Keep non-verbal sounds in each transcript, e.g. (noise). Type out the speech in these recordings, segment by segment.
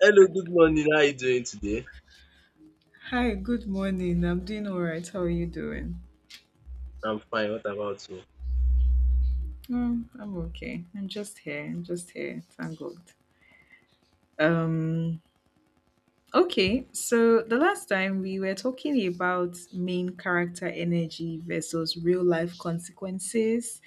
Hello, good morning. How are you doing today? Hi, good morning. I'm doing all right. How are you doing? I'm fine. What about you? Mm, I'm okay. I'm just here. Thank God. Um, okay. So the last time we were talking about main character energy versus real life consequences,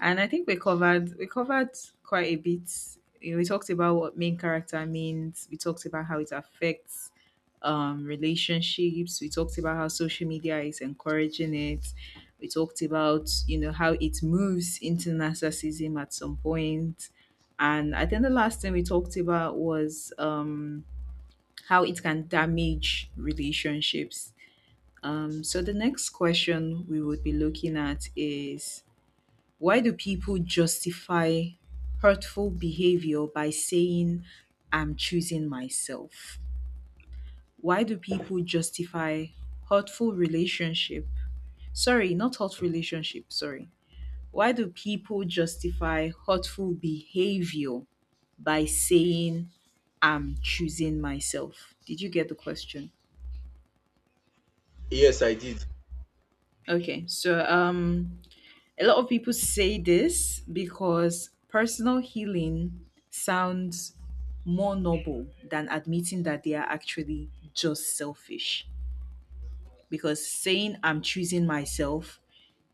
and I think we covered quite a bit. You know, we talked about what main character means. We talked about how it affects relationships. We talked about how social media is encouraging it. We talked about you know how it moves into narcissism at some point. And I think the last thing we talked about was how it can damage relationships. So the next question we would be looking at is, why do people justify hurtful behavior by saying, I'm choosing myself? Why do people justify hurtful relationship? Sorry, not hurtful relationship, sorry. Why do people justify hurtful behavior by saying, I'm choosing myself? Did you get the question? Yes, I did. Okay, so a lot of people say this because personal healing sounds more noble than admitting that they are actually just selfish. Because saying I'm choosing myself,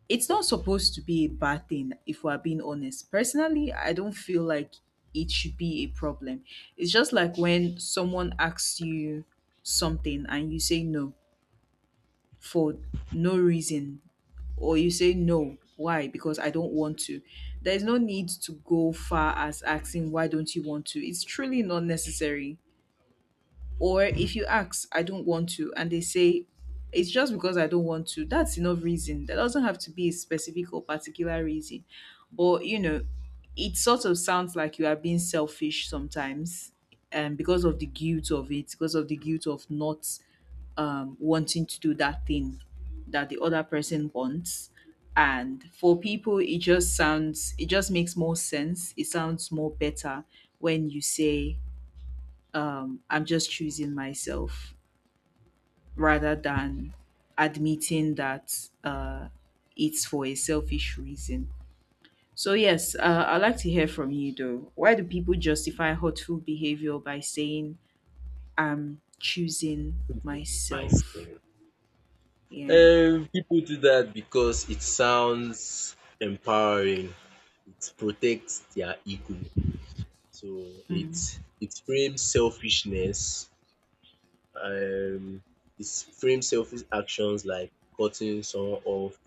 it's not supposed to be a bad thing if we're being honest. Personally, I don't feel like it should be a problem. It's just like when someone asks you something and you say no for no reason, or you say no, why? Because I don't want to. There is no need to go far as asking why don't you want to, it's truly not necessary. Or if you ask, I don't want to, and they say it's just because I don't want to, that's enough reason. There doesn't have to be a specific or particular reason. But you know, it sort of sounds like you are being selfish sometimes, and because of the guilt of it, because of the guilt of not wanting to do that thing that the other person wants. And for people, it just sounds, it just makes more sense. It sounds more better when you say, I'm just choosing myself rather than admitting that it's for a selfish reason. So, yes, I'd like to hear from you though. Why do people justify hurtful behavior by saying, I'm choosing My myself? stereo. Yeah, People do that because it sounds empowering. It protects their ego. So it frames selfishness. Um, it frames selfish actions like cutting someone off,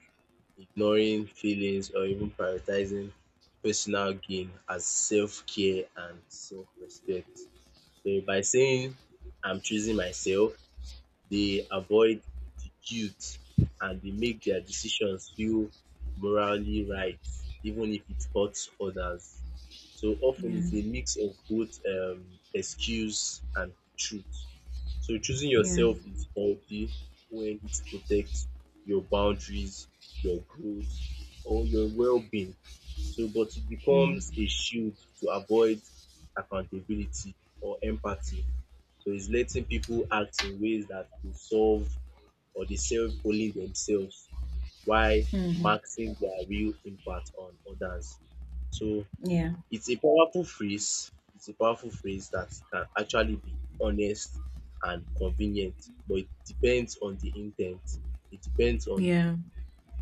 ignoring feelings, or even prioritizing personal gain as self care and self respect. So by saying I'm choosing myself, they avoid the guilt and they make their decisions feel morally right, even if it hurts others. So often it's yeah, a mix of both excuse and truth. So choosing yeah. yourself is healthy when it protects your boundaries, your growth, or your well-being. So, but it becomes a shield to avoid accountability or empathy, so it's letting people act in ways that will solve or they serve only themselves while Mm-hmm. maxing their real impact on others. So Yeah. it's a powerful phrase. It's a powerful phrase that can actually be honest and convenient, but it depends on the intent. It depends on Yeah,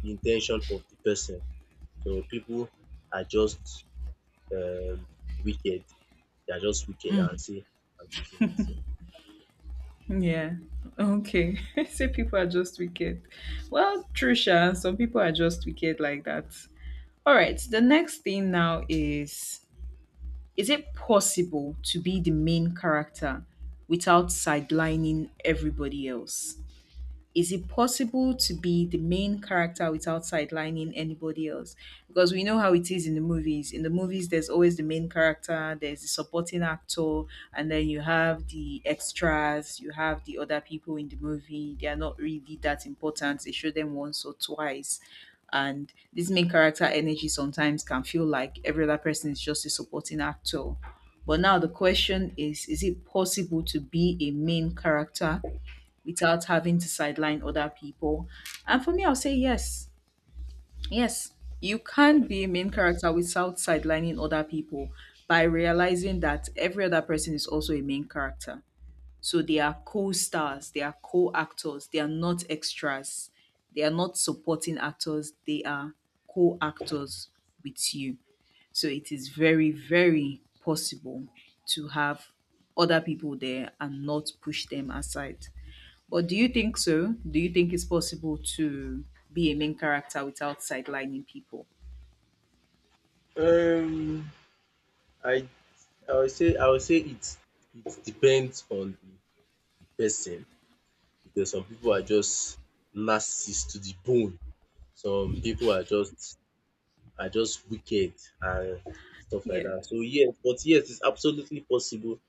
the intention of the person. So people are just um, wicked. They are just wicked and say, I'm choosing yeah. Okay. (laughs) So people are just wicked. Well, Trisha, some people are just wicked like that. All right. The next thing now is it possible to be the main character without sidelining everybody else? Is it possible to be the main character without sidelining anybody else? Because we know how it is in the movies. In the movies, there's always the main character, there's the supporting actor, and then you have the extras, you have the other people in the movie. They are not really that important. They show them once or twice. And this main character energy sometimes can feel like every other person is just a supporting actor. But now the question is it possible to be a main character without having to sideline other people? And for me, I'll say yes. Yes, you can be a main character without sidelining other people by realizing that every other person is also a main character. So they are co stars, they are co actors, they are not extras, they are not supporting actors, they are co actors with you. So it is very, very possible to have other people there and not push them aside. But do you think so? Do you think it's possible to be a main character without sidelining people? myself. I I will say I will say it depends on the person because some people are just narcissist to the bone. Some people are just wicked and stuff like Yeah. that. So yes, but yes, it's absolutely possible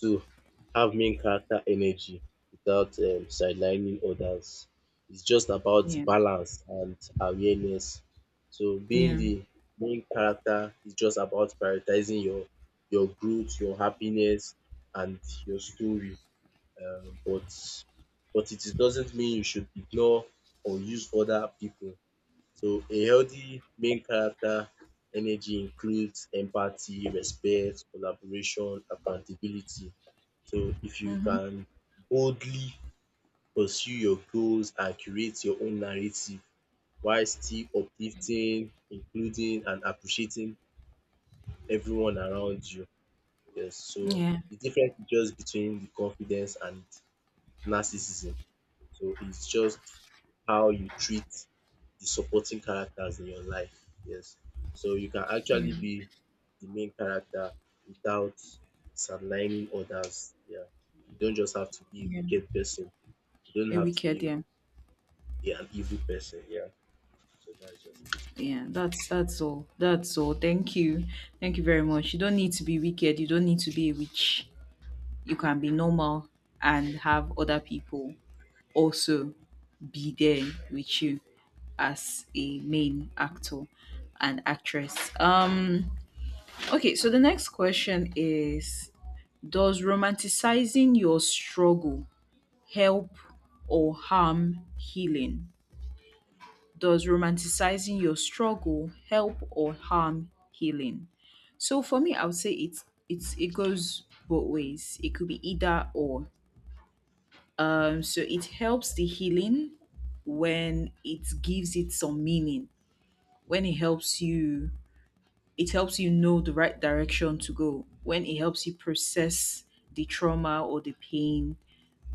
to have main character energy without sidelining others. It's just about Yeah. balance and awareness. So being Yeah. the main character is just about prioritizing your growth, your happiness, and your story. Um, but but it doesn't mean you should ignore or use other people, so a healthy main character energy includes empathy, respect, collaboration, accountability. So if you Mm-hmm. can boldly pursue your goals and create your own narrative while still uplifting, including and appreciating everyone around you. Yes, so Yeah. the difference is just between the confidence and narcissism. So it's just how you treat the supporting characters in your life. Yes. So you can Yeah. actually be the main character without sidelining others. Yeah. You don't just have to be a Yeah. wicked person. You A don't have to wicked, be yeah. An evil person. Yeah. So that's just it. Yeah. That's all. That's all. Thank you. Thank you very much. You don't need to be wicked. You don't need to be a witch. You can be normal and have other people also be there with you as a main actor and actress. Um, okay, so the next question is, does romanticizing your struggle help or harm healing? Does romanticizing your struggle help or harm healing? So for me, I would say it goes both ways. It could be either or. So it helps the healing when it gives it some meaning, when it helps you. It helps you know the right direction to go, when it helps you process the trauma or the pain.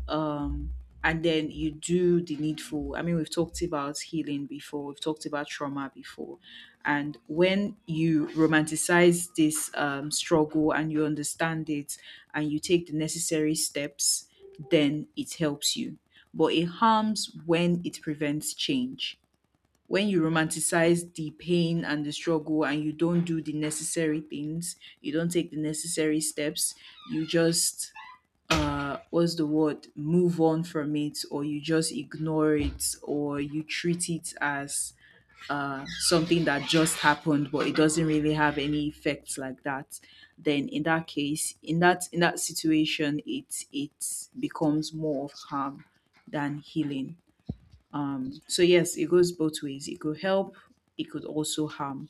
Um, and then you do the needful. I mean, we've talked about healing before, we've talked about trauma before. And when you romanticize this struggle and you understand it and you take the necessary steps, then it helps you. But it harms when it prevents change, when you romanticize the pain and the struggle and you don't do the necessary things, you don't take the necessary steps, you just what's the word, move on from it, or you just ignore it, or you treat it as something that just happened but it doesn't really have any effects like that. Then in that case, in that situation, it becomes more of harm than healing. So yes, it goes both ways. It could help, it could also harm.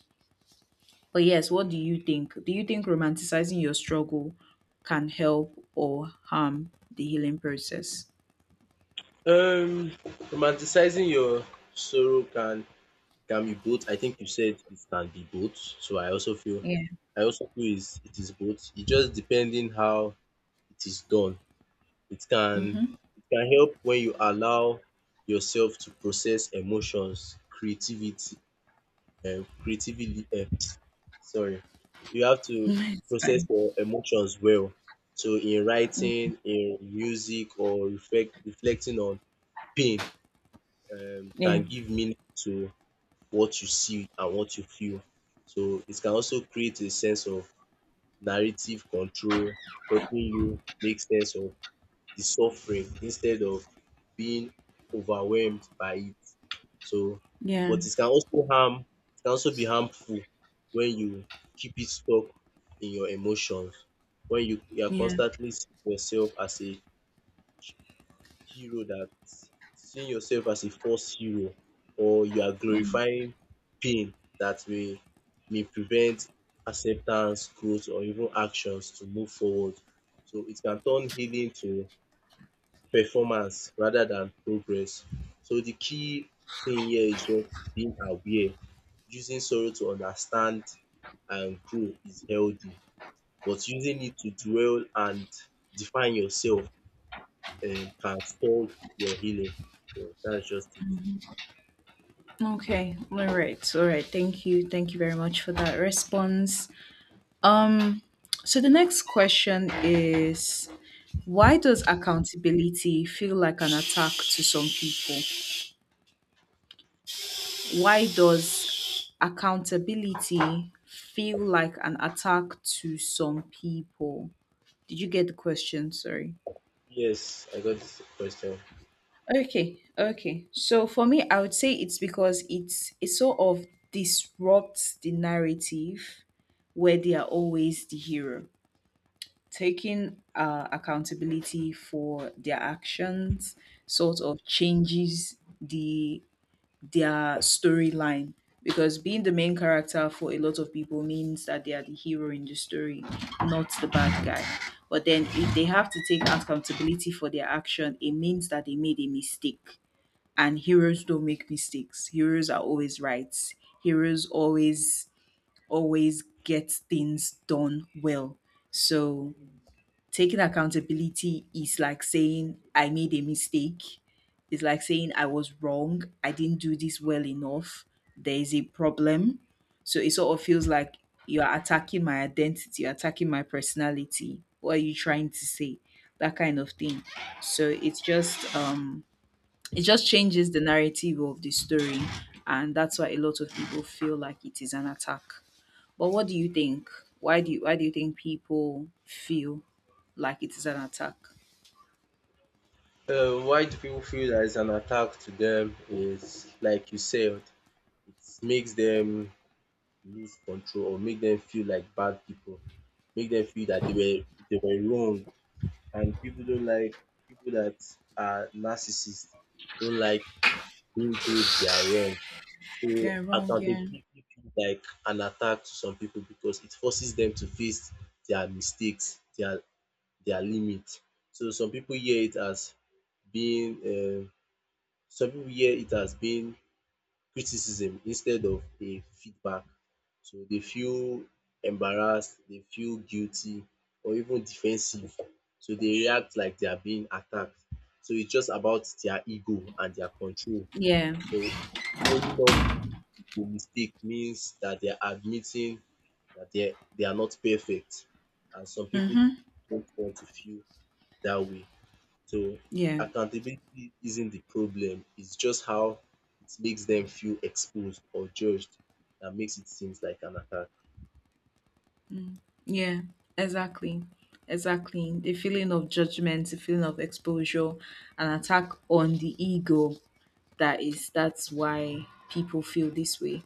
But yes, what do you think? Do you think romanticizing your struggle can help or harm the healing process? Um Romanticizing your sorrow can be both. I think you said it can be both. So Yeah. I also feel is it is both. It just depending how it is done. It can Mm-hmm. it can help when you allow yourself to process emotions, creativity, creatively, sorry. You have (laughs) to It's process fine. your emotions well. So in writing, in music or reflecting on pain Yeah. can give meaning to what you see and what you feel. So it can also create a sense of narrative control, helping you make sense of the suffering instead of being overwhelmed by it. So, Yeah. but it can also harm, it can also be harmful when you keep it stuck in your emotions. When you are Yeah. constantly seeing yourself as a hero that seeing yourself as a false hero, or you are Mm. glorifying pain that may prevent acceptance, growth or even actions to move forward. So it can turn healing to performance rather than progress. So the key thing here is just being aware. Using sorrow to understand and grow is healthy, but using it to dwell and define yourself can stall your healing. That's just it. Okay. All right. All right. Thank you. Thank you very much for that response. Um so the next question is, why does accountability feel like an attack to some people? Why does accountability feel like an attack to some people? Did you get the question? Sorry. Yes, I got this question. Okay, okay. So for me, I would say it's because it sort of disrupts the narrative where they are always the hero. Taking accountability for their actions sort of changes their storyline, because being the main character for a lot of people means that they are the hero in the story, not the bad guy. But then if they have to take accountability for their action, it means that they made a mistake. And heroes don't make mistakes. Heroes are always right. Heroes always get things done well. So taking accountability is like saying I made a mistake. It's like saying I was wrong. I didn't do this well enough. There is a problem. So it sort of feels like you are attacking my identity, you're attacking my personality. What are you trying to say? That kind of thing. So it's just it just changes the narrative of the story, and that's why a lot of people feel like it is an attack. But what do you think? Why do you think people feel like it is an attack? Why do people feel that it's an attack to them is like you said, it makes them lose control or make them feel like bad people, make them feel that they were wrong. And people don't like people that are narcissists don't like being told they are wrong. So They're wrong, yeah. accountability feels like an attack to some people because it forces them to face their mistakes, their limits. So some people hear it as being some people hear it as being criticism instead of a feedback. So they feel embarrassed, they feel guilty or even defensive. So they react like they are being attacked. So it's just about their ego and their control. Yeah. So owning up to mistake means that they are admitting that they are not perfect. And some people Mm-hmm. don't want to feel that way. So Yeah, accountability isn't the problem. It's just how it makes them feel exposed or judged that makes it seems like an attack. yeah, exactly. Exactly. The feeling of judgment, the feeling of exposure, an attack on the ego. That is, that's why people feel this way.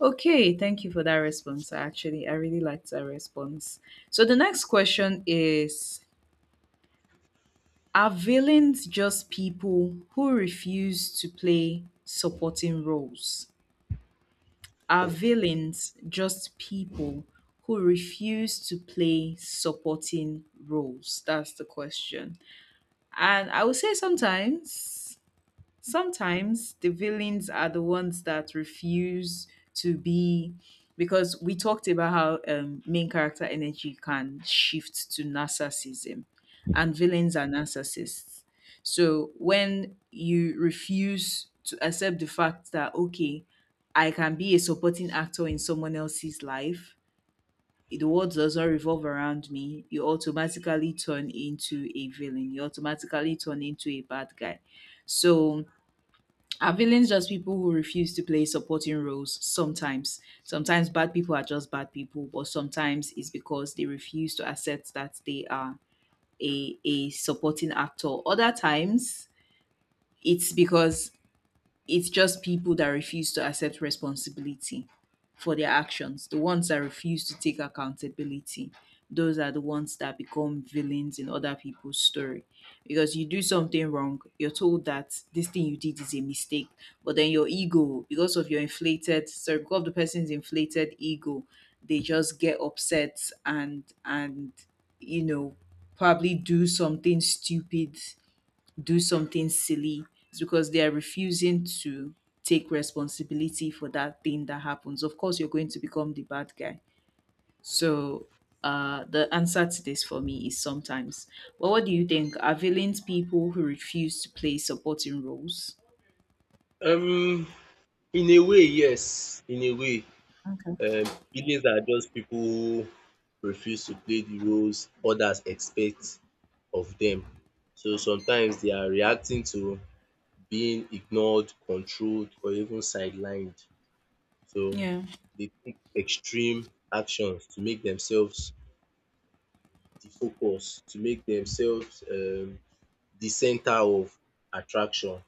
Okay, thank you for that response. Actually, I really liked that response. So the next question is, are villains just people who refuse to play supporting roles? Are villains just people who refuse to play supporting roles? That's the question. And I would say sometimes. Sometimes the villains are the ones that refuse to be, because we talked about how main character energy can shift to narcissism, and villains are narcissists. So when you refuse to accept the fact that okay, I can be a supporting actor in someone else's life, the world doesn't revolve around me, you automatically turn into a villain. You automatically turn into a bad guy. So are villains just people who refuse to play supporting roles? Sometimes. Sometimes bad people are just bad people, but sometimes it's because they refuse to accept that they are a supporting actor. Other times, it's because it's just people that refuse to accept responsibility for their actions. The ones that refuse to take accountability, those are the ones that become villains in other people's story. Because you do something wrong, you're told that this thing you did is a mistake, but then your ego, because of your inflated, sorry, because of the person's inflated ego, they just get upset and you know probably do something stupid, do something silly. It's because they are refusing to take responsibility for that thing that happens. Of course you're going to become the bad guy. So the answer to this for me is sometimes. But what do you think? Are villains people who refuse to play supporting roles? Um, in a way, yes. In a way, Okay. Feelings are just people who refuse to play the roles others expect of them. So sometimes they are reacting to being ignored, controlled, or even sidelined. So Yeah, they take extreme actions to make themselves the focus, to make themselves the center of attraction.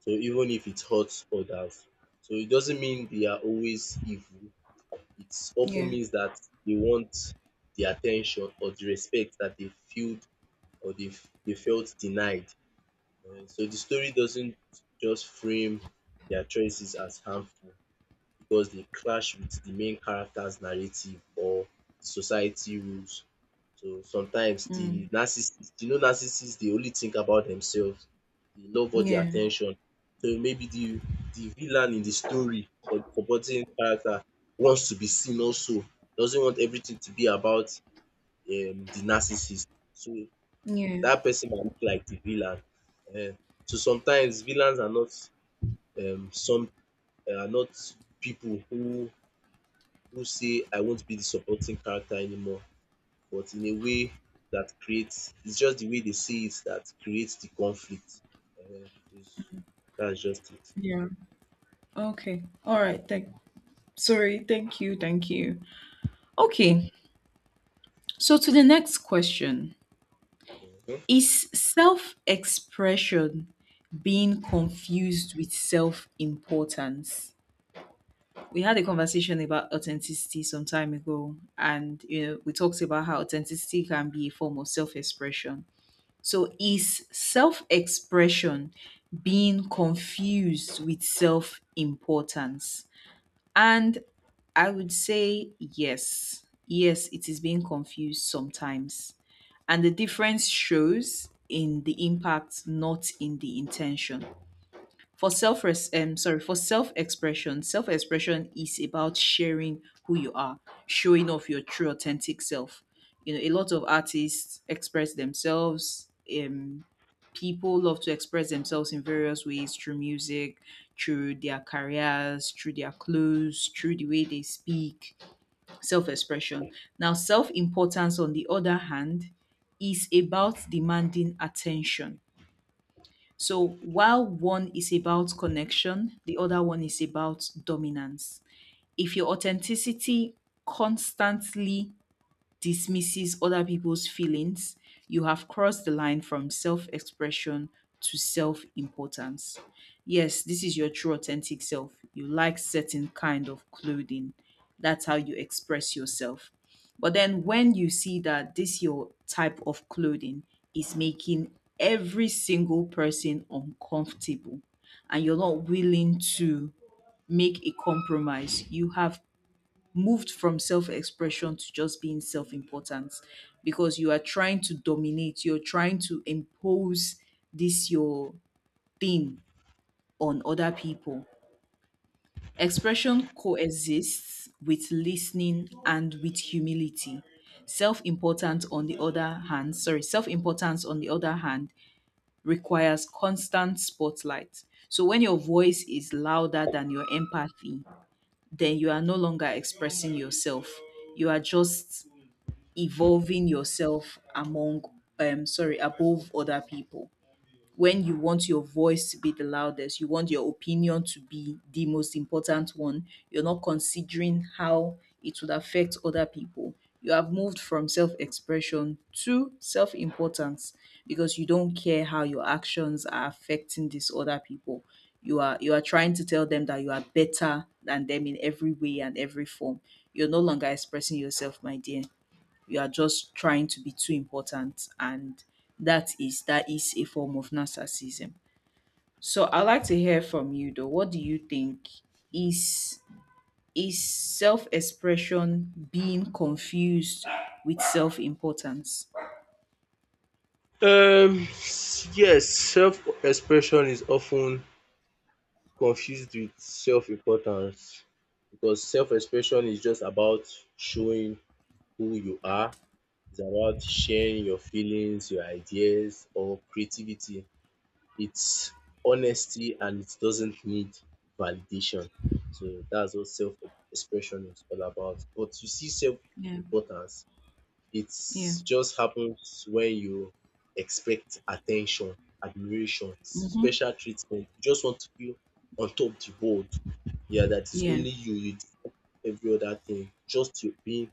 So even if it hurts others. So it doesn't mean they are always evil. It often yeah. means that they want the attention or the respect that they feel or they felt denied. So the story doesn't just frame their choices as harmful because they clash with the main character's narrative or the society rules. So sometimes the Mm. narcissist, you know, narcissists they only think about themselves. They love all the Yeah, attention. So maybe the villain in the story or the forgotten character wants to be seen also. Doesn't want everything to be about the narcissist. So yeah, that person might look like the villain. Eh, so sometimes villains are not um, some are not people who say I won't be the supporting character anymore, but in a way that creates it's just the way they see it that creates the conflict. Ehen, is- that's just it. yeah. Okay, all right, thank sorry, thank you, thank you. Okay, so to the next question. Mhm. Is self expression being confused with self importance? We had a conversation about authenticity some time ago, and you know, we talked about how authenticity can be a form of self expression. So, is self expression being confused with self importance? And I would say yes. Yes, it is being confused sometimes. And the difference shows in the impact, not in the intention for self res sorry for self expression. Self expression is about sharing who you are, showing off your true authentic self. You know, a lot of artists express themselves. um People love to express themselves in various ways: through music, through their careers, through their clothes, through the way they speak. Self expression. Now, self importance, on the other hand, is about demanding attention. So while one is about connection, the other one is about dominance. If your authenticity constantly dismisses other people's feelings, you have crossed the line from self expression to self importance. Yes, this is your true authentic self. You like certain kind of clothing. That's how you express yourself. But then when you see that this your type of clothing is making every single person uncomfortable and you're not willing to make a compromise, you have moved from self-expression to just being self-important, because you are trying to dominate, you're trying to impose this your thing on other people. Expression coexists with listening and with humility. Self-importance on the other hand requires constant spotlight. So when your voice is louder than your empathy, then you are no longer expressing yourself, you are just evolving yourself among sorry above other people. When you want your voice to be the loudest, you want your opinion to be the most important one, you're not considering how it would affect other people. You have moved from self-expression to self-importance, because you don't care how your actions are affecting these other people. You are you are trying to tell them that you are better than them in every way and every form. You're no longer expressing yourself, my dear. We are just trying to be too important, and that is a form of narcissism. So I'd like to hear from you, though, what do you think? is is self-expression being confused with self-importance? Um, yes, self expression is often confused with self importance because self expression is just about showing who you are, it's about sharing your feelings, your ideas, or creativity. It's honesty and it doesn't need validation. So that's what self expression is all about. But you see, self Yeah, importance, it yeah, just happens when you expect attention, admiration, mm-hmm, special treatment. You just want to feel on top the world. Yeah, that is yeah, only you, you do every other thing, just you being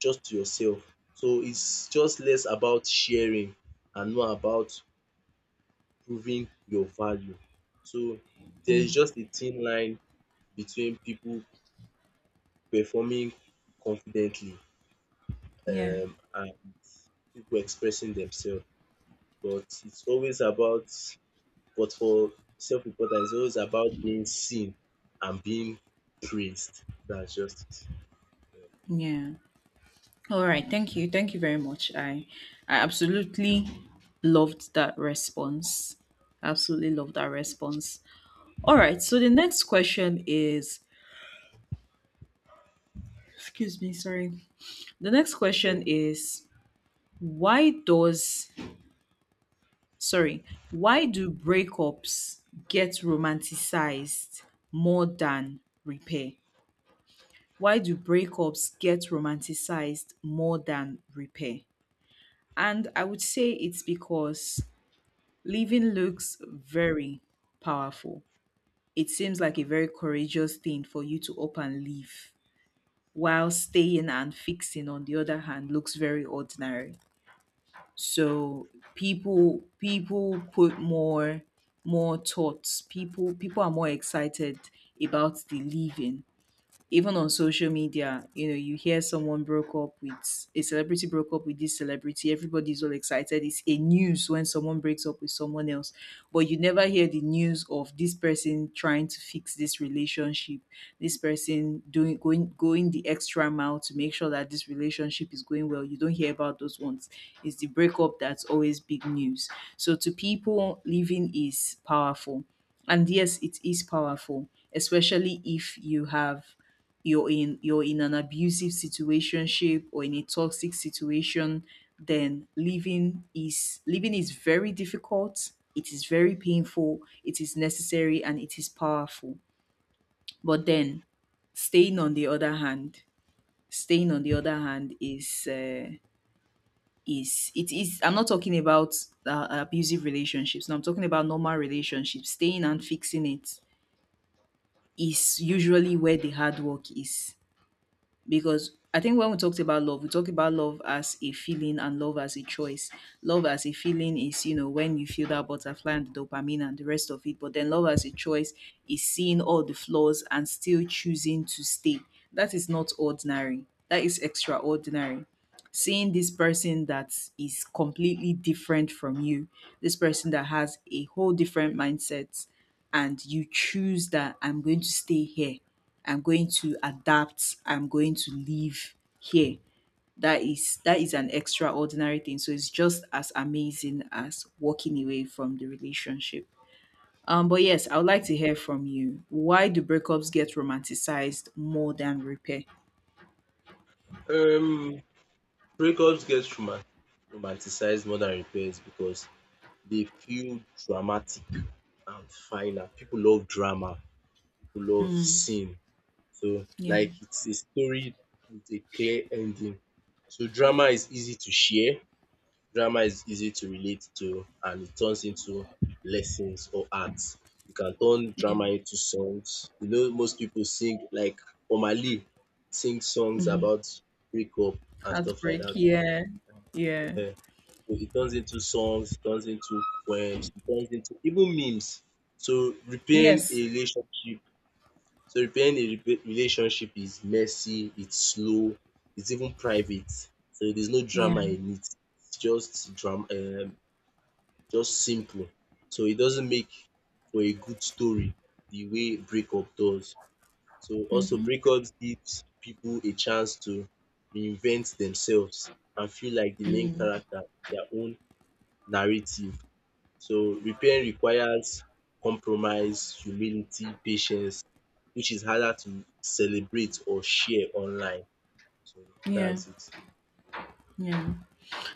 just yourself. So it's just less about sharing and more about proving your value. So there's mm, just a thin line between people performing confidently, yeah, and people expressing themselves. But it's always about, but for self importance, it's always about being seen and being praised. That's just yeah. All right, thank you, thank you very much. I absolutely loved that response. Absolutely loved that response. All right. So the next question is, excuse me, sorry. The next it. question Okay. is, why does, sorry, why do breakups get romanticized more than repair? Why do breakups get romanticized more than repair? And I would say it's because leaving looks very powerful. It seems like a very courageous thing for you to up and leave, while staying and fixing on the other hand looks very ordinary. So people put more thoughts. People are more excited about the living. Even on social media, you know, you hear someone broke up with a celebrity, broke up with this celebrity, everybody's all excited. It's a news when someone breaks up with someone else, but you never hear the news of this person trying to fix this relationship, this person doing going going the extra mile to make sure that this relationship is going well. You don't hear about those ones. It's the breakup that's always big news. So to people, living is powerful. And yes, it is powerful, especially if you're in an abusive situationship or in a toxic situation. Then living is, living is very difficult. It is very painful, it is necessary, and it is powerful. But then, staying on the other hand staying on the other hand is it is I'm not talking about abusive relationships, no, I'm talking about normal relationships. Staying and fixing it is usually where the hard work is, because I think when we talked about love, we talk about love as a feeling and love as a choice. Love as a feeling is, you know, when you feel that butterfly and the dopamine and the rest of it. But then love as a choice is seeing all the flaws and still choosing to stay. That is not ordinary. That is extraordinary. Seeing this person that is completely different from you, this person that has a whole different mindset, and you choose that I'm going to stay here. I'm going to adapt, I'm going to live here. That is an extraordinary thing. So it's just as amazing as walking away from the relationship. But yes, I would like to hear from you. Why do breakups get romanticized more than repair? Um, breakups get romanticized more than repairs because they feel dramatic and final. People love drama, people love scene. So, Yeah, like it's a story with a clear ending. So drama is easy to share, drama is easy to relate to, and it turns into lessons or art. You can turn yeah. drama into songs. You know, most people sing like Omali sing songs Hmm. about breakup and stuff like Heartbreak. that. Yeah, yeah. Ehen. So it turns into songs, it turns into poems, it turns into even memes. So Yes. Repairing a relationship is messy, it's slow, it's even private. So there's no drama Yeah. in it. It's just drama, just simple. So it doesn't make for a good story the way breakup does. So also Mm-hmm. breakups gives people a chance to reinvent themselves and feel like the main Mm. character in their own narrative. So repairing requires compromise, humility, patience, which is harder to celebrate or share online. So Yeah. that's it. Yeah.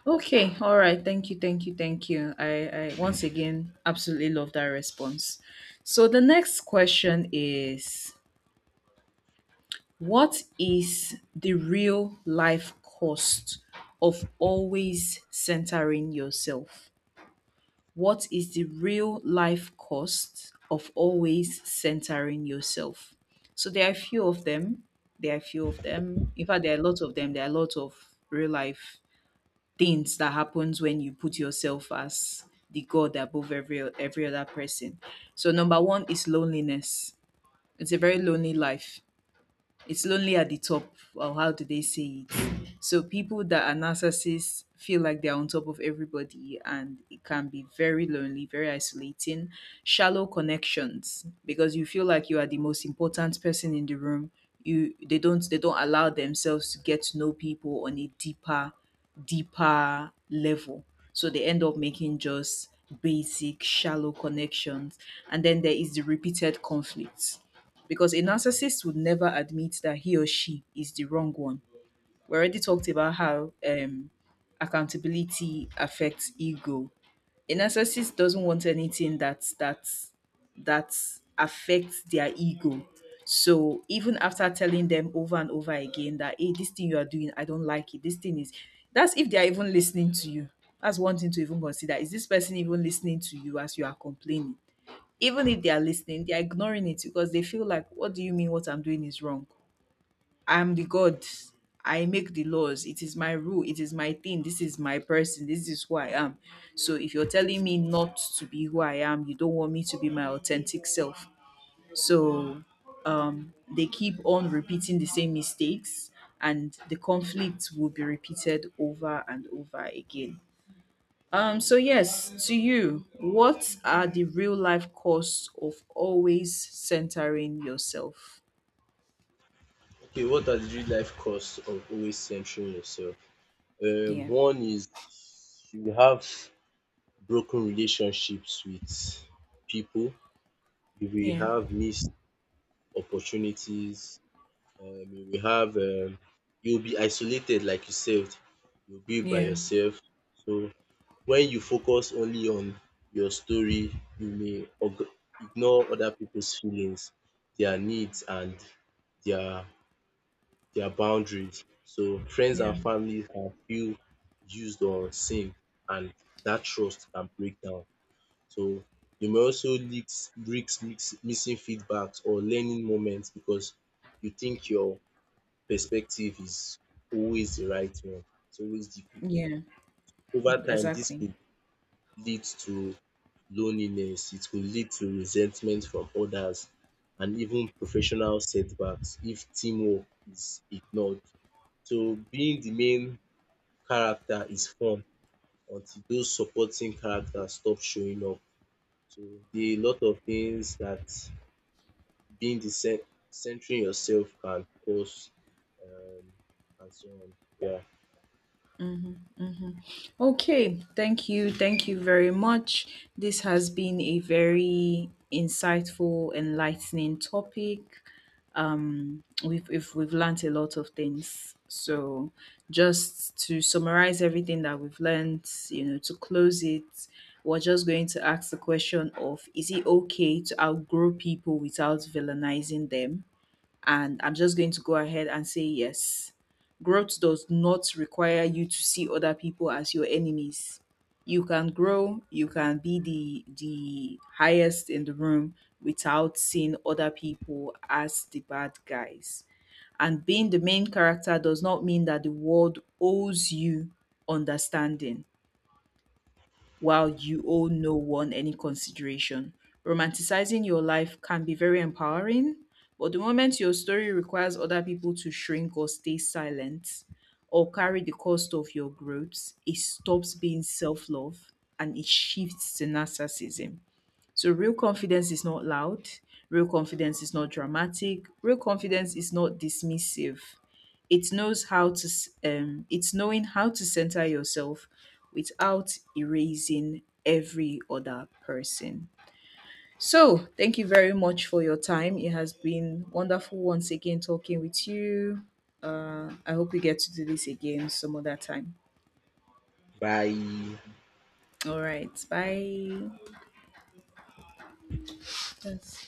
Okay, all right. Thank you, thank you, thank you. I once again absolutely love that response. So the next question is, what is the real life cost of always centering yourself? What is the real life cost of always centering yourself? So there are a few of them. There are a few of them. In fact, there are a lot of them. There are a lot of real life things that happens when you put yourself as the god above every other person. So number one is loneliness. It's a very lonely life. It's lonely at the top, or how do they say it? So people that are narcissists feel like they're on top of everybody, and it can be very lonely, very isolating. Shallow connections, because you feel like you are the most important person in the room. You They don't allow themselves to get to know people on a deeper, deeper level. So they end up making just basic shallow connections. And then there is the repeated conflicts, because a narcissist would never admit that he or she is the wrong one. We already talked about how accountability affects ego. A narcissist doesn't want anything that affects their ego. So even after telling them over and over again that, hey, this thing you are doing, I don't like it. This thing is, that's if they are even listening to you. That's one thing to even consider. Is this person even listening to you as you are complaining? Even if they are listening, they are ignoring it because they feel like, what do you mean what I'm doing is wrong? I'm the God. I make the laws. It is my rule. It is my thing. This is my person. This is who I am. So if you're telling me not to be who I am, you don't want me to be my authentic self. So they keep on repeating the same mistakes, and the conflict will be repeated over and over again. So yes, to you, what are the real life costs of always centering yourself? Okay, what are the real life costs of always centering yourself? Yeah, One is you will have broken relationships with people, you will yeah, have missed opportunities, you will have you'll be isolated, like you said, you'll be by yeah, yourself. So when you focus only on your story, you may oga ignore other people's feelings, their needs and their their boundaries. So friends yeah, and family can feel used or unseen, and that trust can break down. So you may also leaks risk mix missing feedbacks or learning moments because you think your perspective is always the right one, it's always the good one. yeah, Over time this exactly. could lead to loneliness, it could lead to resentment from others and even professional setbacks if teamwork is ignored. So being the main character is fun until those supporting characters stop showing up. So there are a lot of things that being the centering yourself can cause, um and so on. Yeah. Okay, thank you very much. This has been a very insightful, enlightening topic. We've learned a lot of things. So just to summarize everything that we've learned, you know, to close it, we're just going to ask the question of, is it okay to outgrow people without villainizing them? And I'm just going to go ahead and say yes. Growth does not require you to see other people as your enemies. You can grow, you can be the highest in the room without seeing other people as the bad guys. And being the main character does not mean that the world owes you understanding while you owe no one any consideration. Romanticizing your life can be very empowering, but the moment your story requires other people to shrink or stay silent or carry the cost of your growth, it stops being self love and it shifts to narcissism. So real confidence is not loud, real confidence is not dramatic, real confidence is not dismissive. It knows how to it's knowing how to center yourself without erasing every other person. So, thank you very much for your time. It has been wonderful once again talking with you. I hope we get to do this again some other time. Bye. All right. Bye. Yes.